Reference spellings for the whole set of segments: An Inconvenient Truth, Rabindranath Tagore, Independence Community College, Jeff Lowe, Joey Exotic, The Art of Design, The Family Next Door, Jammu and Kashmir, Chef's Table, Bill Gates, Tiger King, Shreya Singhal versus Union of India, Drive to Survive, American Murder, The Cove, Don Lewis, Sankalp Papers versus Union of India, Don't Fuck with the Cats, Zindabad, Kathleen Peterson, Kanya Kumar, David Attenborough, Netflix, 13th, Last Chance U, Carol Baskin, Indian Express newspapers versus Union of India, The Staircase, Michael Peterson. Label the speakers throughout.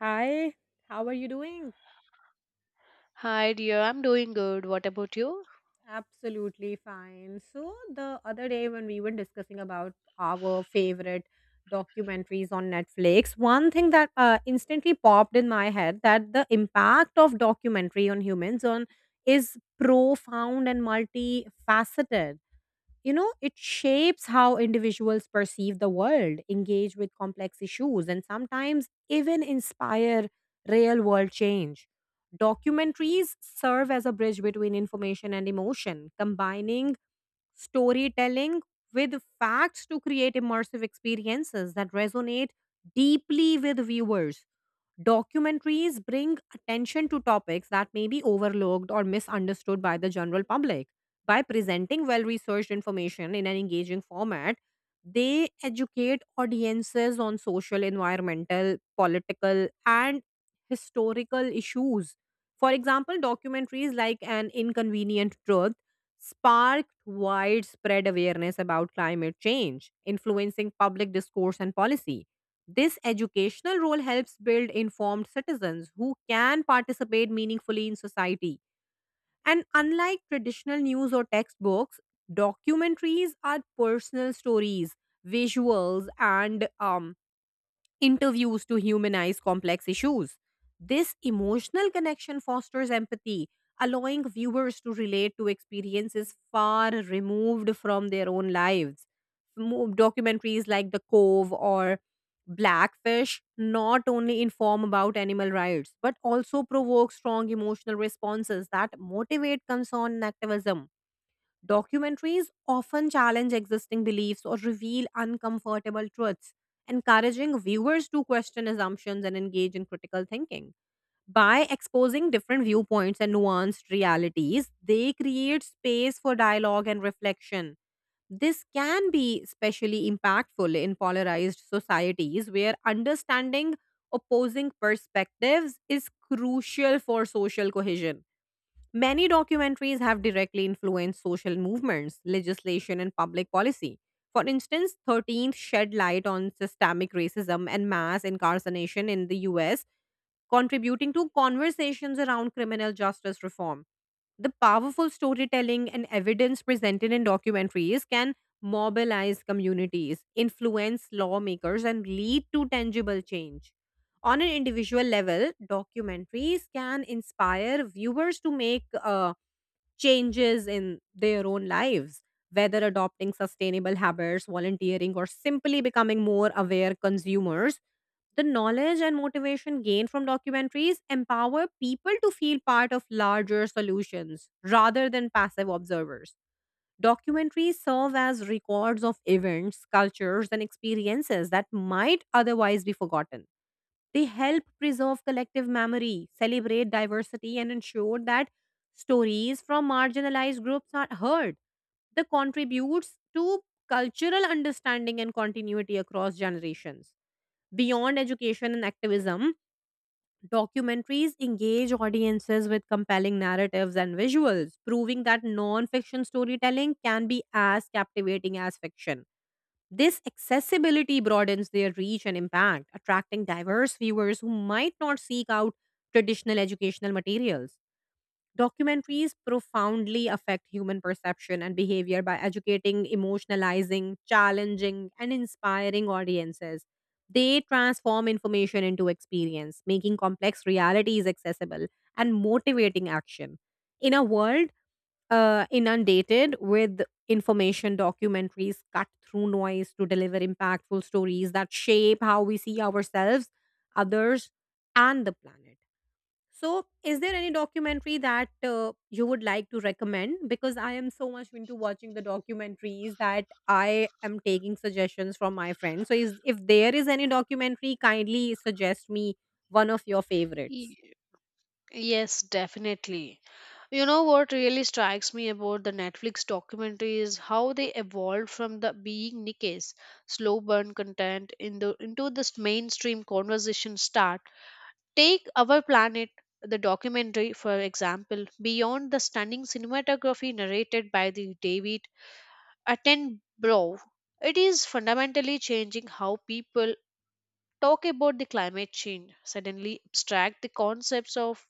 Speaker 1: Hi, how are you doing?
Speaker 2: Hi, dear. I'm doing good. What about you?
Speaker 1: Absolutely fine. So, the other day when we were discussing about our favorite documentaries on Netflix, one thing that instantly popped in my head that the impact of documentary on humans on is profound and multifaceted. You know, it shapes how individuals perceive the world, engage with complex issues, and sometimes even inspire real world change. Documentaries serve as a bridge between information and emotion, combining storytelling with facts to create immersive experiences that resonate deeply with viewers. Documentaries bring attention to topics that may be overlooked or misunderstood by the general public. By presenting well researched information in an engaging format, they educate audiences on social, environmental, political, and historical issues. For example, documentaries like An Inconvenient Truth sparked widespread awareness about climate change, influencing public discourse and policy. This educational role helps build informed citizens who can participate meaningfully in society. And unlike traditional news or textbooks, documentaries are personal stories, visuals, and interviews to humanize complex issues. This emotional connection fosters empathy, allowing viewers to relate to experiences far removed from their own lives. Documentaries like The Cove or Blackfish not only inform about animal rights but also provoke strong emotional responses that motivate concern and activism. Documentaries often challenge existing beliefs or reveal uncomfortable truths, encouraging viewers to question assumptions and engage in critical thinking. By exposing different viewpoints and nuanced realities, they create space for dialogue and reflection. This can be especially impactful in polarized societies where understanding opposing perspectives is crucial for social cohesion. Many documentaries have directly influenced social movements, legislation, and public policy. For instance, 13th shed light on systemic racism and mass incarceration in the US, contributing to conversations around criminal justice reform. The powerful storytelling and evidence presented in documentaries can mobilize communities, influence lawmakers, and lead to tangible change. On an individual level, documentaries can inspire viewers to make changes in their own lives, whether adopting sustainable habits, volunteering, or simply becoming more aware consumers. The knowledge and motivation gained from documentaries empower people to feel part of larger solutions rather than passive observers. Documentaries serve as records of events, cultures, and experiences that might otherwise be forgotten. They help preserve collective memory, celebrate diversity, and ensure that stories from marginalized groups are heard. They contributes to cultural understanding and continuity across generations. Beyond education and activism, documentaries engage audiences with compelling narratives and visuals, proving that non fiction storytelling can be as captivating as fiction. This accessibility broadens their reach and impact, attracting diverse viewers who might not seek out traditional educational materials. Documentaries profoundly affect human perception and behavior by educating, emotionalizing, challenging, and inspiring audiences. They transform information into experience, making complex realities accessible and motivating action. In a world inundated with information, documentaries cut through noise to deliver impactful stories that shape how we see ourselves, others, and the planet. So, is there any documentary that you would like to recommend? Because I am so much into watching the documentaries that I am taking suggestions from my friends. So, if there is any documentary, kindly suggest me one of your favorites.
Speaker 2: Y- Yes, definitely. You know what really strikes me about the Netflix documentary is how they evolved from the being niche, slow burn content into this mainstream conversation start. Take Our Planet, the documentary, for example, beyond the stunning cinematography narrated by the David Attenborough. It is fundamentally changing how people talk about the climate change suddenly abstract the concepts of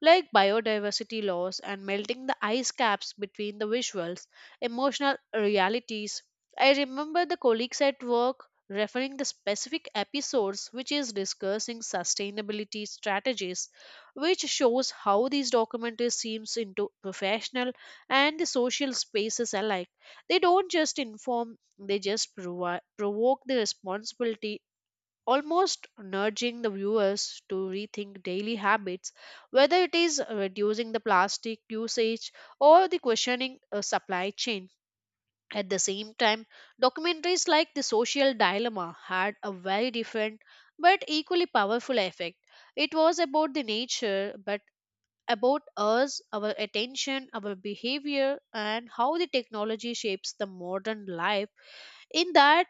Speaker 2: like biodiversity loss and melting the ice caps between the visuals emotional realities. I remember the colleagues at work referring the specific episodes which is discussing sustainability strategies, which shows how these documentaries seems into professional and the social spaces alike. They don't just inform, they just provoke the responsibility, almost nudging the viewers to rethink daily habits, whether it is reducing the plastic usage or the questioning a supply chain. At the same time, documentaries like The Social Dilemma had a very different but equally powerful effect. It was about the nature, but about us, our attention, our behavior, and how the technology shapes the modern life. In that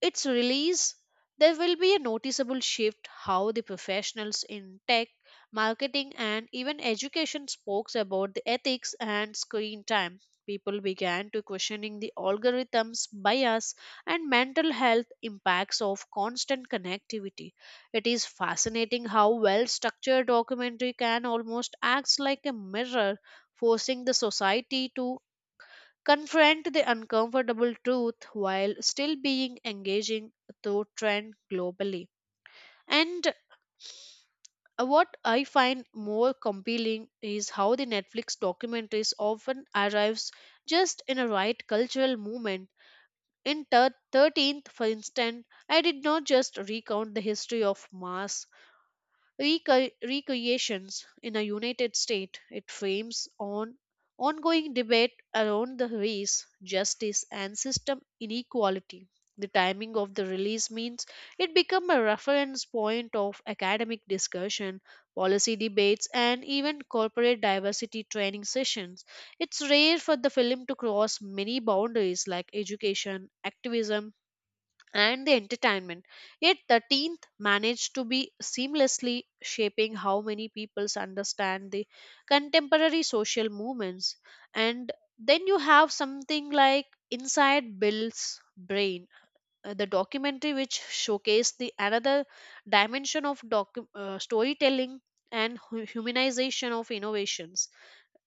Speaker 2: its release, there will be a noticeable shift how the professionals in tech, marketing, and even education spoke about the ethics and screen time. People began to questioning the algorithms, bias, and mental health impacts of constant connectivity. It is fascinating how well structured documentary can almost acts like a mirror, forcing the society to confront the uncomfortable truth while still being engaging to trend globally. And what I find more compelling is how the Netflix documentaries often arrives just in a right cultural moment. 13th, for instance, I did not just recount the history of mass. Recreations in a united state it frames on ongoing debate around the race justice and system inequality. The timing of the release means it become a reference point of academic discussion, policy debates, and even corporate diversity training sessions. It's rare for the film to cross many boundaries like education, activism, and the entertainment. Yet, the tenth managed to be seamlessly shaping how many peoples understand the contemporary social movements. And then you have something like Inside Bill's Brain, the documentary which showcased the another dimension of storytelling and humanization of innovations.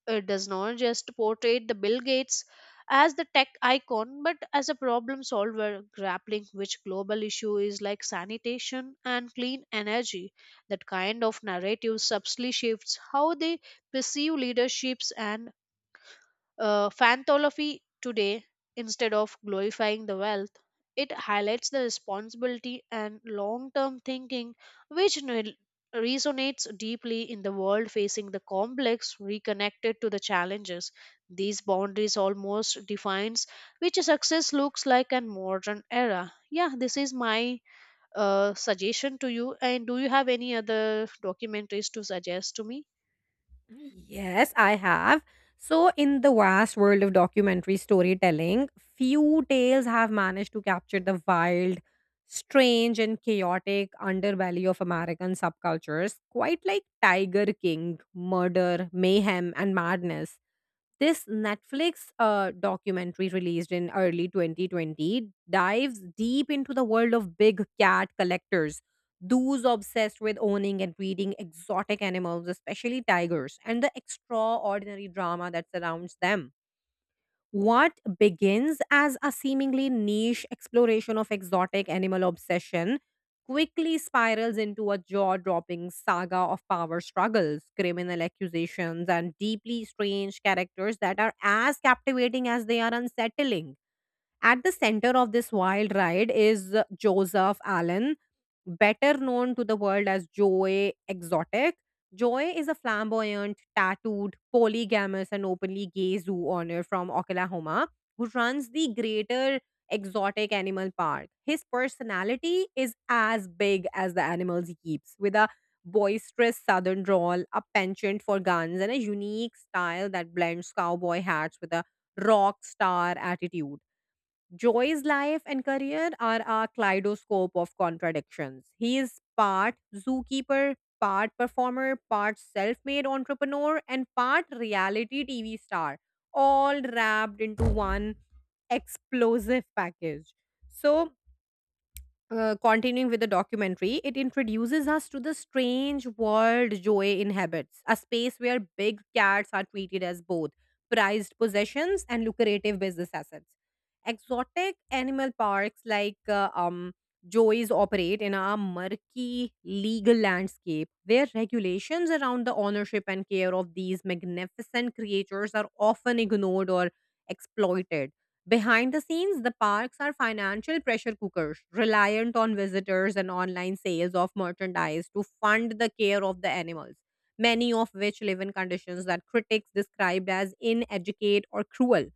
Speaker 2: It does not just portray the Bill Gates as the tech icon, but as a problem solver grappling which global issue is like sanitation and clean energy. That kind of narrative subtly shifts how they perceive leaderships and Fantology today, instead of glorifying the wealth, it highlights the responsibility and long term thinking which resonates deeply in the world facing the complex reconnected to the challenges. These boundaries almost defines which success looks like in modern era. Yeah, this is my suggestion to you. And do you have any other documentaries to suggest to me?
Speaker 1: Yes, I have. So, in the vast world of documentary storytelling, few tales have managed to capture the wild, strange, and chaotic underbelly of American subcultures, quite like Tiger King, murder, mayhem, and madness. This Netflix documentary released in early 2020 dives deep into the world of big cat collectors, those obsessed with owning and breeding exotic animals, especially tigers, and the extraordinary drama that surrounds them. What begins as a seemingly niche exploration of exotic animal obsession quickly spirals into a jaw dropping saga of power struggles, criminal accusations, and deeply strange characters that are as captivating as they are unsettling. At the center of this wild ride is Joseph Allen, better known to the world as Joey Exotic. Joey is a flamboyant, tattooed, polygamous, and openly gay zoo owner from Oklahoma who runs the greater exotic animal park. His personality is as big as the animals he keeps, with a boisterous southern drawl, a penchant for guns, and a unique style that blends cowboy hats with a rock star attitude. Joy's life and career are a kaleidoscope of contradictions. He is part zookeeper, part performer, part self made entrepreneur, and part reality TV star, all wrapped into one explosive package. So, continuing with the documentary, it introduces us to the strange world Joey inhabits, a space where big cats are treated as both prized possessions and lucrative business assets. Exotic animal parks like Joey's operate in a murky legal landscape where regulations around the ownership and care of these magnificent creatures are often ignored or exploited. Behind the scenes, the parks are financial pressure cookers, reliant on visitors and online sales of merchandise to fund the care of the animals, many of which live in conditions that critics described as inadequate or cruel.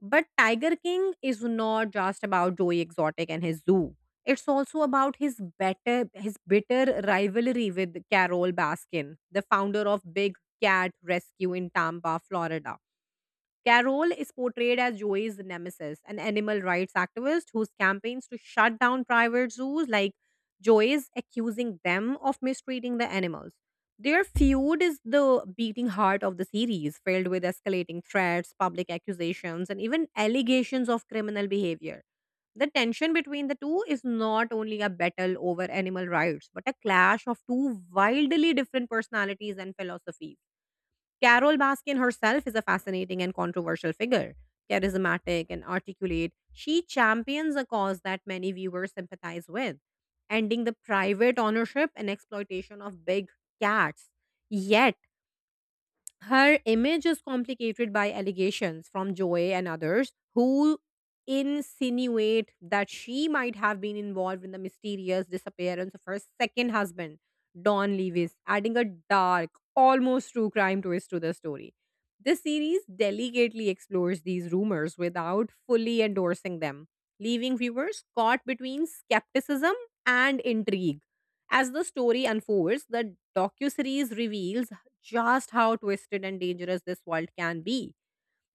Speaker 1: But Tiger King is not just about Joey Exotic and his zoo. It's also about his bitter rivalry with Carol Baskin, the founder of Big Cat Rescue in Tampa, Florida. Carroll is portrayed as Joey's nemesis, an animal rights activist whose campaigns to shut down private zoos, like Joey's, accusing them of mistreating the animals. Their feud is the beating heart of the series, filled with escalating threats, public accusations, and even allegations of criminal behavior. The tension between the two is not only a battle over animal rights, but a clash of two wildly different personalities and philosophies. Carol Baskin herself is a fascinating and controversial figure. Charismatic and articulate, she champions a cause that many viewers sympathize with, ending the private ownership and exploitation of big cats. Yet, her image is complicated by allegations from Joy and others who insinuate that she might have been involved in the mysterious disappearance of her second husband, Don Lewis, adding a dark, almost true crime twist to the story. This series delicately explores these rumors without fully endorsing them, leaving viewers caught between skepticism and intrigue. As the story unfolds, the docuseries reveals just how twisted and dangerous this world can be.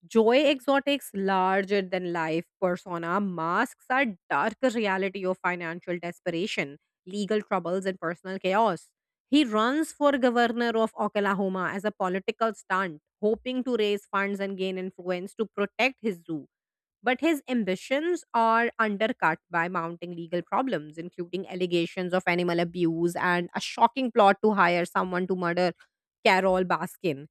Speaker 1: Joy Exotic's larger than life persona masks a dark reality of financial desperation, legal troubles, and personal chaos. He runs for governor of Oklahoma as a political stunt, hoping to raise funds and gain influence to protect his zoo. But his ambitions are undercut by mounting legal problems, including allegations of animal abuse and a shocking plot to hire someone to murder Carol Baskin.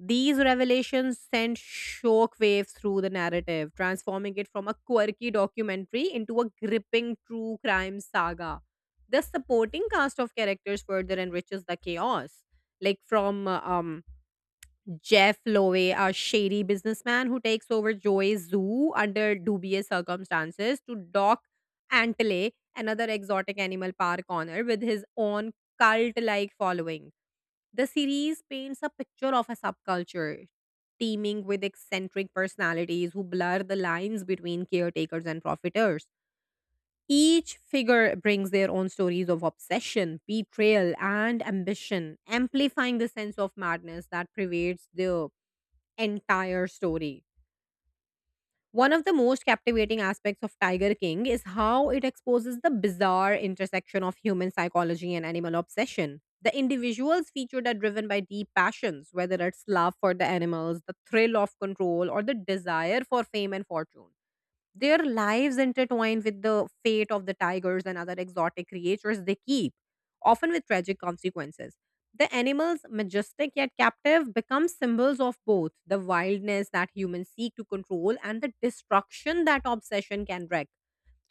Speaker 1: These revelations sent shock waves through the narrative, transforming it from a quirky documentary into a gripping true crime saga. The supporting cast of characters further enriches the chaos, like from Jeff Lowe, a shady businessman who takes over Joey's zoo under dubious circumstances, to dock Antley, another exotic animal park owner, with his own cult like following. The series paints a picture of a subculture teeming with eccentric personalities who blur the lines between caretakers and profiteers. Each figure brings their own stories of obsession, betrayal, and ambition, amplifying the sense of madness that pervades the entire story. One of the most captivating aspects of Tiger King is how it exposes the bizarre intersection of human psychology and animal obsession. The individuals featured are driven by deep passions, whether it's love for the animals, the thrill of control, or the desire for fame and fortune. Their lives intertwine with the fate of the tigers and other exotic creatures they keep, often with tragic consequences. The animals, majestic yet captive, become symbols of both the wildness that humans seek to control and the destruction that obsession can wreak.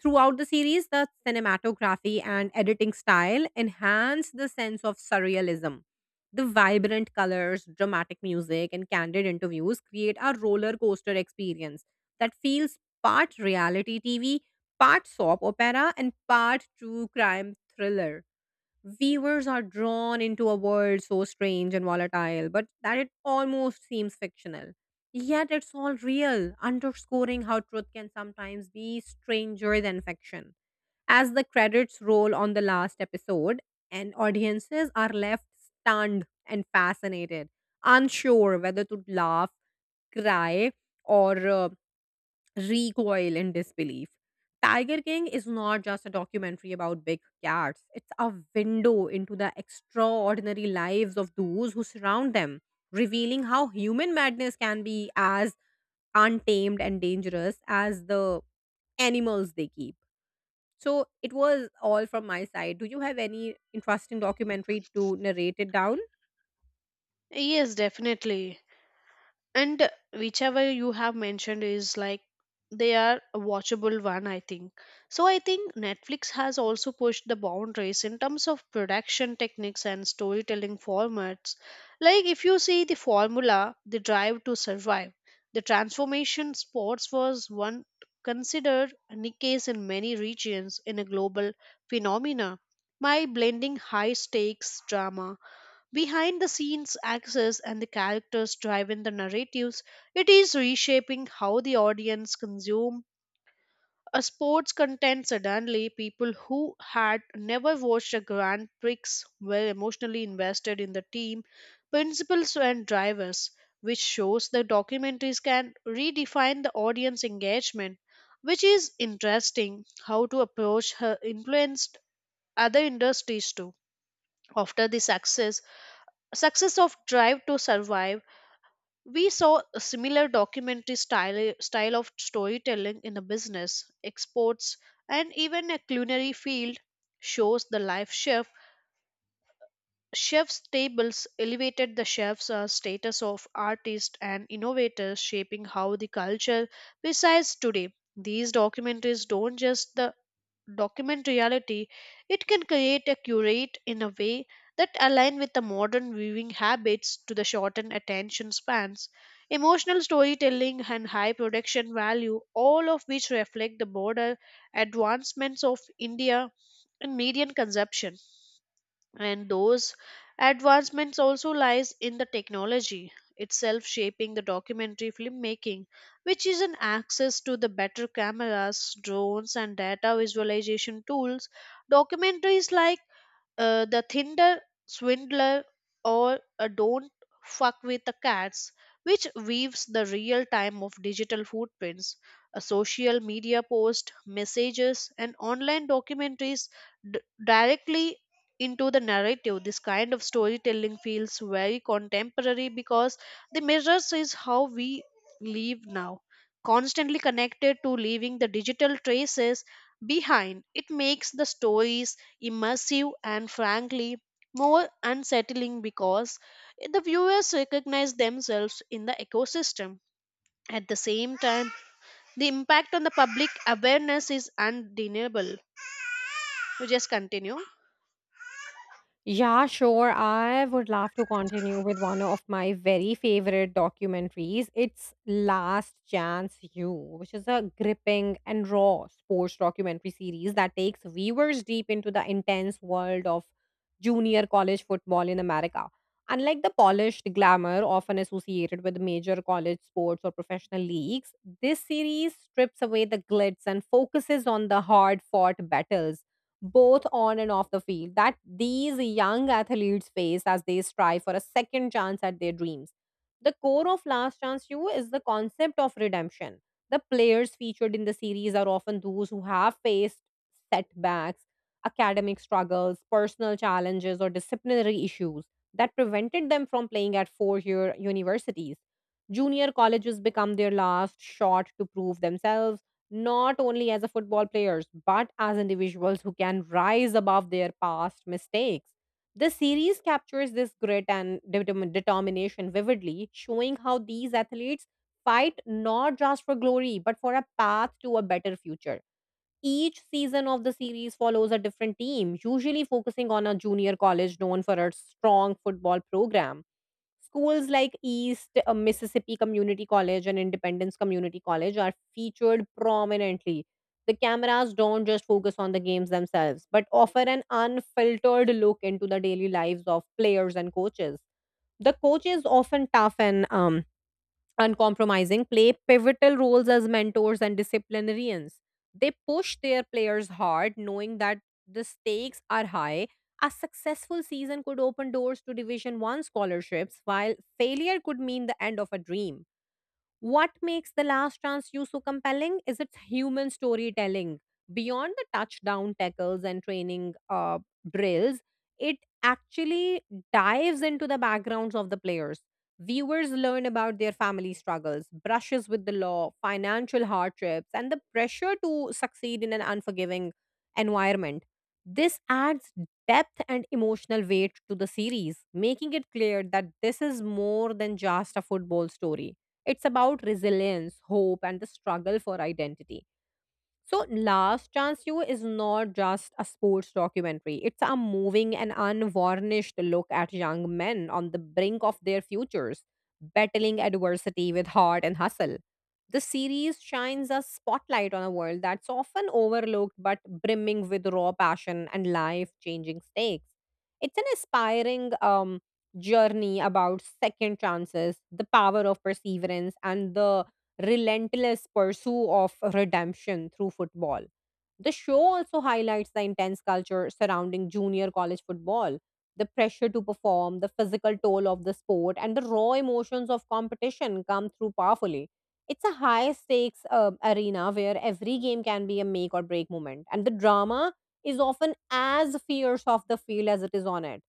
Speaker 1: Throughout the series, the cinematography and editing style enhance the sense of surrealism. The vibrant colors, dramatic music, and candid interviews create a roller coaster experience that feels part reality TV, part soap opera, and part true crime thriller. Viewers are drawn into a world so strange and volatile, but that it almost seems fictional. Yet it's all real, underscoring how truth can sometimes be stranger than fiction. As the credits roll on the last episode, and audiences are left stunned and fascinated, unsure whether to laugh, cry, or recoil in disbelief. Tiger King is not just a documentary about big cats, it's a window into the extraordinary lives of those who surround them, revealing how human madness can be as untamed and dangerous as the animals they keep. So it was all from my side. Do you have any interesting documentary to narrate it down?
Speaker 2: Yes, definitely. And whichever you have mentioned is like they are a watchable one, I think. So I think Netflix has also pushed the boundaries in terms of production techniques and storytelling formats. Like if you see the formula, the drive to survive, the transformation sports was one considered a case in many regions in a global phenomena. My blending high stakes drama, behind the scenes access and the characters driving the narratives, it is reshaping how the audience consume a sports content. Suddenly people who had never watched a grand prix were emotionally invested in the team principals and drivers, which shows the documentaries can redefine the audience engagement. Which is interesting how to approach her influenced other industries too. After the success of drive to survive, we saw a similar documentary style of storytelling in the business exports and even a culinary field. Shows the life chefs tables elevated the chef's status of artist and innovators shaping how the culture resides today. These documentaries don't just the document reality, it can create a curate in a way that align with the modern viewing habits to the shortened attention spans, emotional storytelling and high production value, all of which reflect the broader advancements of India in median consumption. And those advancements also lies in the technology itself shaping the documentary filmmaking, which is an access to the better cameras, drones, and data visualization tools. Documentaries like the Tinder swindler or a don't fuck with the cats, which weaves the real time of digital footprints. A social media post, messages, and online documentaries d- directly into the narrative. This kind of storytelling feels very contemporary because the mirrors is how we live now. Constantly connected to leaving the digital traces behind, it makes the stories immersive and frankly more unsettling because the viewers recognize themselves in the ecosystem. At the same time, the impact on the public awareness is undeniable. You just continue.
Speaker 1: Yeah, sure. I would love to continue with one of my very favorite documentaries. It's Last Chance U, which is a gripping and raw sports documentary series that takes viewers deep into the intense world of junior college football in America. Unlike the polished glamour often associated with major college sports or professional leagues, this series strips away the glitz and focuses on the hard fought battles both on and off the field that these young athletes face as they strive for a second chance at their dreams. The core of Last Chance U is the concept of redemption. The players featured in the series are often those who have faced setbacks, academic struggles, personal challenges, or disciplinary issues that prevented them from playing at 4 year universities. Junior colleges become their last shot to prove themselves not only as a football players but as individuals who can rise above their past mistakes. The series captures this grit and determination vividly, showing how these athletes fight not just for glory but for a path to a better future. Each season of the series follows a different team, usually focusing on a junior college known for its strong football program. Schools like East Mississippi Community College and Independence Community College are featured prominently. The cameras don't just focus on the games themselves, but offer an unfiltered look into the daily lives of players and coaches. The coaches, often tough and uncompromising, play pivotal roles as mentors and disciplinarians. They push their players hard, knowing that the stakes are high. A successful season could open doors to Division 1 scholarships, while failure could mean the end of a dream. What makes The Last Chance you so compelling is its human storytelling. Beyond the touchdown tackles and training drills, it actually dives into the backgrounds of the players. Viewers learn about their family struggles, brushes with the law, financial hardships, and the pressure to succeed in an unforgiving environment. This adds depth and emotional weight to the series, making it clear that this is more than just a football story. It's about resilience, hope, and the struggle for identity. So, Last Chance You is not just a sports documentary. It's a moving and unvarnished look at young men on the brink of their futures, battling adversity with heart and hustle. The series shines a spotlight on a world that's often overlooked but brimming with raw passion and life changing stakes. It's an inspiring journey about second chances, the power of perseverance, and the relentless pursuit of redemption through football. The show also highlights the intense culture surrounding junior college football. The pressure to perform, the physical toll of the sport, and the raw emotions of competition come through powerfully. It's a high stakes arena where every game can be a make or break moment, and the drama is often as fierce off the field as it is on it.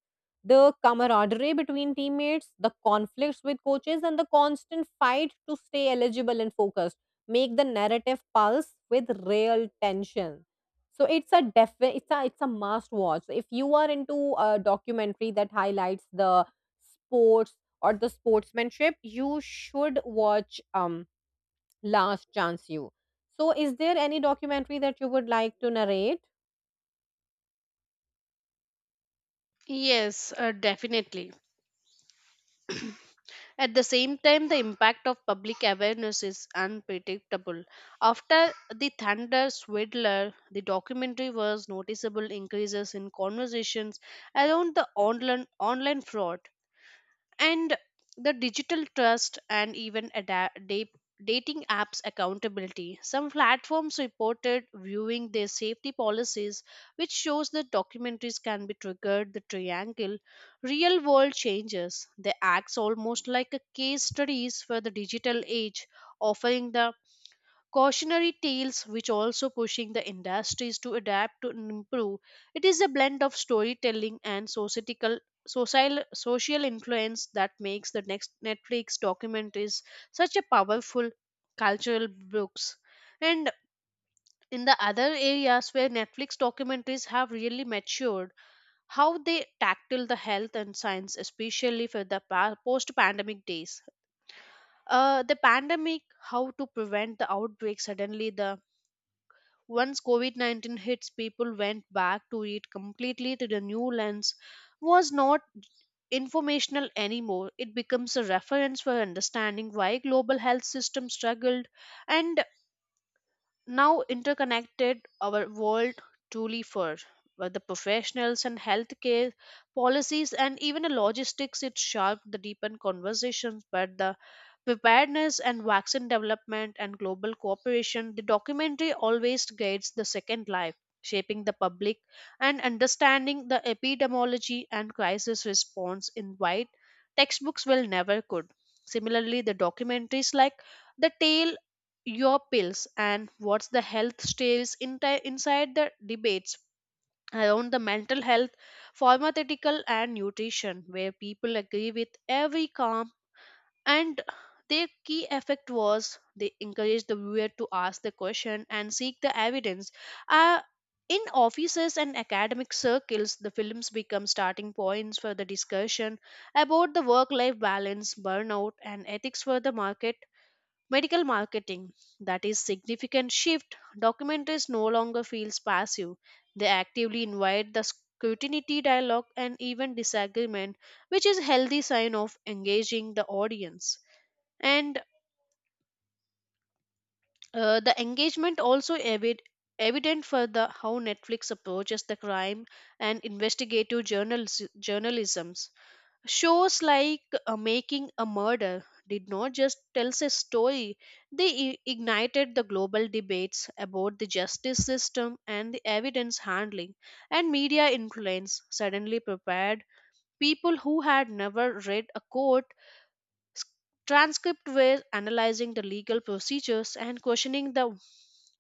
Speaker 1: The camaraderie between teammates, the conflicts with coaches, and the constant fight to stay eligible and focused make the narrative pulse with real tension. So it's a def- it's a must watch. So if you are into a documentary that highlights the sports or the sportsmanship, you should watch Last Chance You. So is there any documentary that you would like to narrate?
Speaker 2: Yes, definitely. At the same time, the impact of public awareness is unpredictable. After the Thunder Swindler, the documentary was noticeable increases in conversations around the online fraud and the digital trust and even dating apps accountability. Some platforms reported viewing their safety policies, which shows that documentaries can be triggered the triangle real world changes. They acts almost like a case studies for the digital age, offering the cautionary tales which also pushing the industries to adapt to and improve. It is a blend of storytelling and societal social influence that makes the next netflix documentaries such a powerful cultural books. And in the other areas where netflix documentaries have really matured, how they tackle the health and science, especially for the post pandemic days. The pandemic, how to prevent the outbreak. Suddenly the once COVID 19 hits, people went back to it completely through the new lens. Was not informational anymore. It becomes a reference for understanding why global health system struggled and now interconnected our world truly. For the professionals and healthcare policies and even the logistics, it sharpened the deepened conversations but the preparedness and vaccine development and global cooperation. The documentary always guides the second life, shaping the public and understanding the epidemiology and crisis response in white textbooks will never could. Similarly, the documentaries like the tale your pills and what's the health stays inside the debates around the mental health, pharmaceutical, and nutrition, where people agree with every calm. And their key effect was they encourage the viewer to ask the question and seek the evidence. Uh, in offices and academic circles, the films become starting points for the discussion about the work life balance, burnout, and ethics for the market medical marketing. That is significant shift. Documentaries no longer feels passive, they actively invite the scrutiny, dialogue, and even disagreement, which is healthy sign of engaging the audience. And the engagement also evident for the how netflix approaches the crime and investigative journalism. Shows like Making a Murder did not just tell a story, they ignited the global debates about the justice system and the evidence handling, and media influence. Suddenly prepared people who had never read a court S- transcripts were analyzing the legal procedures and questioning the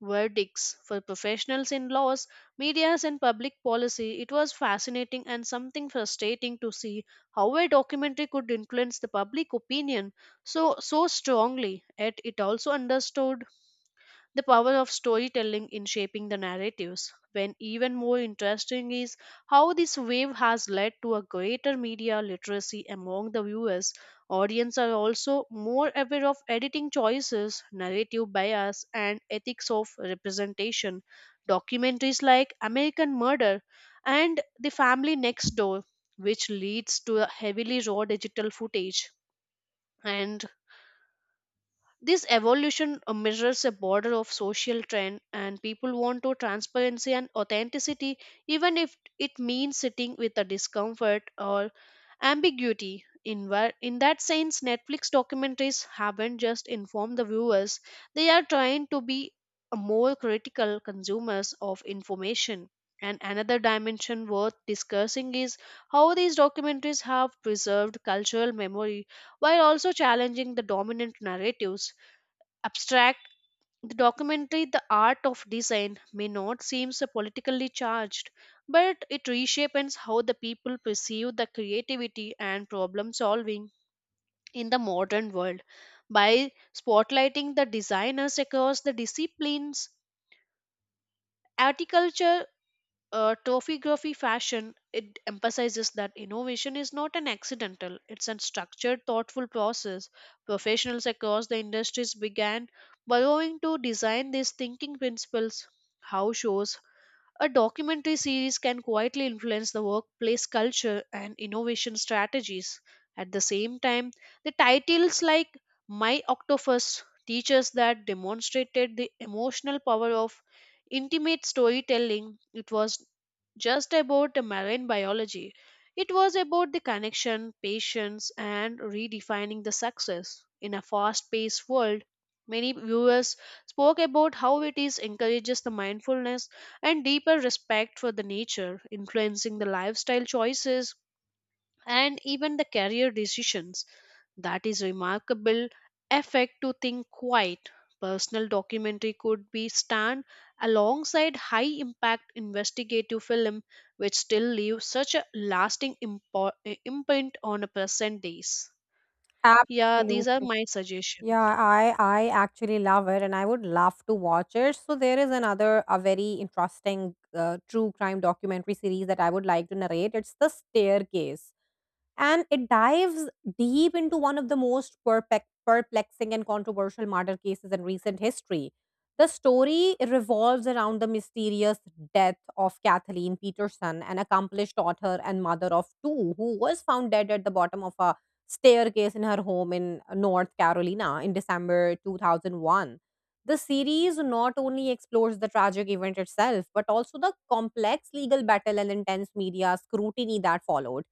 Speaker 2: verdicts. For professionals in laws, medias, and public policy, it was fascinating and something frustrating to see how a documentary could influence the public opinion so strongly. Yet it also understood the power of storytelling in shaping the narratives. When even more interesting is how this wave has led to a greater media literacy among the viewers. Audience are also more aware of editing choices, narrative bias, and ethics of representation. Documentaries like American Murder and The Family Next Door, which leads to a heavily raw digital footage, and this evolution measures a border of social trend, and people want to transparency and authenticity, even if it means sitting with a discomfort or ambiguity. In, where, in that sense, Netflix documentaries haven't just informed the viewers, they are trying to be a more critical consumers of information. And another dimension worth discussing is how these documentaries have preserved cultural memory while also challenging the dominant narratives abstract, the documentary The Art of Design may not seem so politically charged, but it reshapes how the people perceive the creativity and problem solving in the modern world. By spotlighting the designers across the disciplines, articulture topography, fashion, it emphasizes that innovation is not an accidental, it's a structured thoughtful process. Professionals across the industries began borrowing to design these thinking principles. How shows a documentary series can quietly influence the workplace culture and innovation strategies. At the same time, the titles like My Octopus teaches that demonstrated the emotional power of intimate storytelling. It was just about the marine biology. It was about the connection, patience, and redefining the success. In a fast paced world, many viewers spoke about how it is encourages the mindfulness and deeper respect for the nature, influencing the lifestyle choices and even the career decisions. That is remarkable effect to think quite. Personal documentary could be stand alongside high impact investigative film, which still leaves such a lasting imprint on a present days. Yeah, these are
Speaker 1: Absolutely.
Speaker 2: my
Speaker 1: Yeah,
Speaker 2: suggestions.
Speaker 1: I actually love it, and I would love to watch it. So there is another a very interesting true crime documentary series that I would like to narrate. It's The Staircase, and it dives deep into one of the most perplexing and controversial murder cases in recent history. The story revolves around the mysterious death of Kathleen Peterson, an accomplished author and mother of two, who was found dead at the bottom of a staircase in her home in North Carolina in December 2001. The series not only explores the tragic event itself, but also the complex legal battle and intense media scrutiny that followed.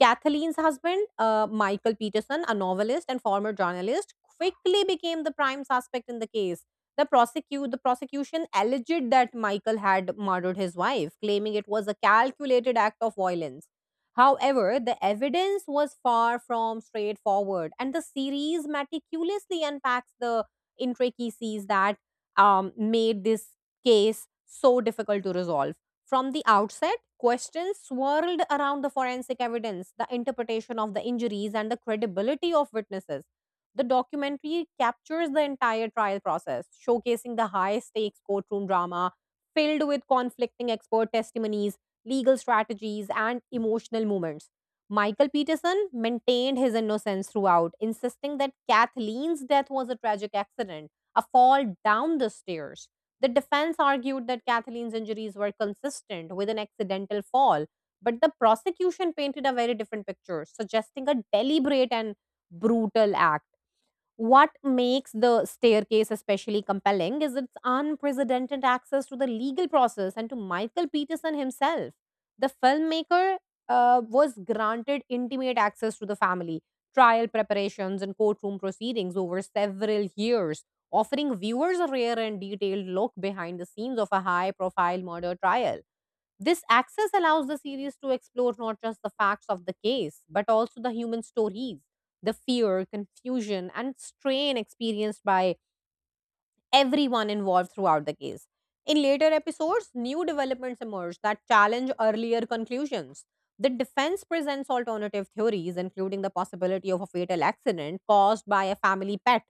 Speaker 1: Kathleen's husband, Michael Peterson, a novelist and former journalist, quickly became the prime suspect in the case. The prosecution alleged that Michael had murdered his wife, claiming it was a calculated act of violence. However, the evidence was far from straightforward, and the series meticulously unpacks the intricacies that made this case so difficult to resolve. From the outset, questions swirled around the forensic evidence, the interpretation of the injuries, and the credibility of witnesses. The documentary captures the entire trial process, showcasing the high stakes courtroom drama filled with conflicting expert testimonies, legal strategies, and emotional moments. Michael Peterson maintained his innocence throughout, insisting that Kathleen's death was a tragic accident, a fall down the stairs. The defense argued that Kathleen's injuries were consistent with an accidental fall, but the prosecution painted a very different picture, suggesting a deliberate and brutal act. What makes the staircase especially compelling is its unprecedented access to the legal process and to Michael Peterson himself. The filmmaker was granted intimate access to the family, trial preparations, and courtroom proceedings over several years, offering viewers a rare and detailed look behind the scenes of a high profile murder trial. This access allows the series to explore not just the facts of the case, but also the human stories, the fear, confusion, and strain experienced by everyone involved throughout the case. In later episodes, new developments emerge that challenge earlier conclusions. The defense presents alternative theories, including the possibility of a fatal accident caused by a family pet.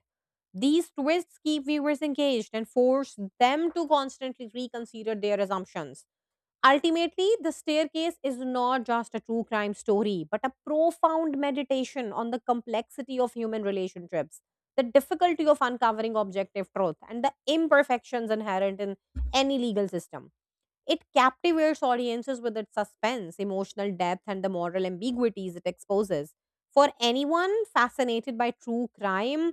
Speaker 1: These twists keep viewers engaged and force them to constantly reconsider their assumptions. Ultimately, The Staircase is not just a true crime story, but a profound meditation on the complexity of human relationships, the difficulty of uncovering objective truth, and the imperfections inherent in any legal system. It captivates audiences with its suspense, emotional depth, and the moral ambiguities it exposes. For anyone fascinated by true crime,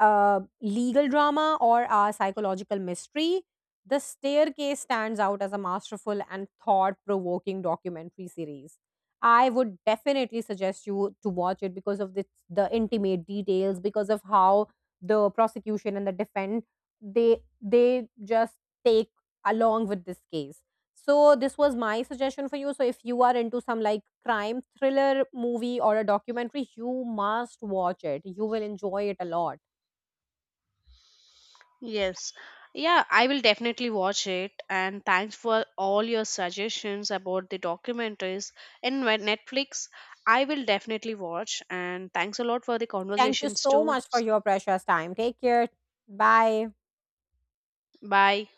Speaker 1: legal drama, or a psychological mystery, The Staircase stands out as a masterful and thought provoking documentary series. I would definitely suggest you to watch it because of the intimate details, because of how the prosecution and the defense they just take along with this case. So this was my suggestion for you. So if you are into some like crime thriller movie or a documentary, you must watch it. You will enjoy it a lot.
Speaker 2: Yes. Yeah, I will definitely watch it. And thanks for all your suggestions about the documentaries in my Netflix. I will definitely watch. And thanks a lot for the
Speaker 1: Thank you
Speaker 2: conversations
Speaker 1: so
Speaker 2: too.
Speaker 1: much for your precious time. Take care. Bye.
Speaker 2: Bye.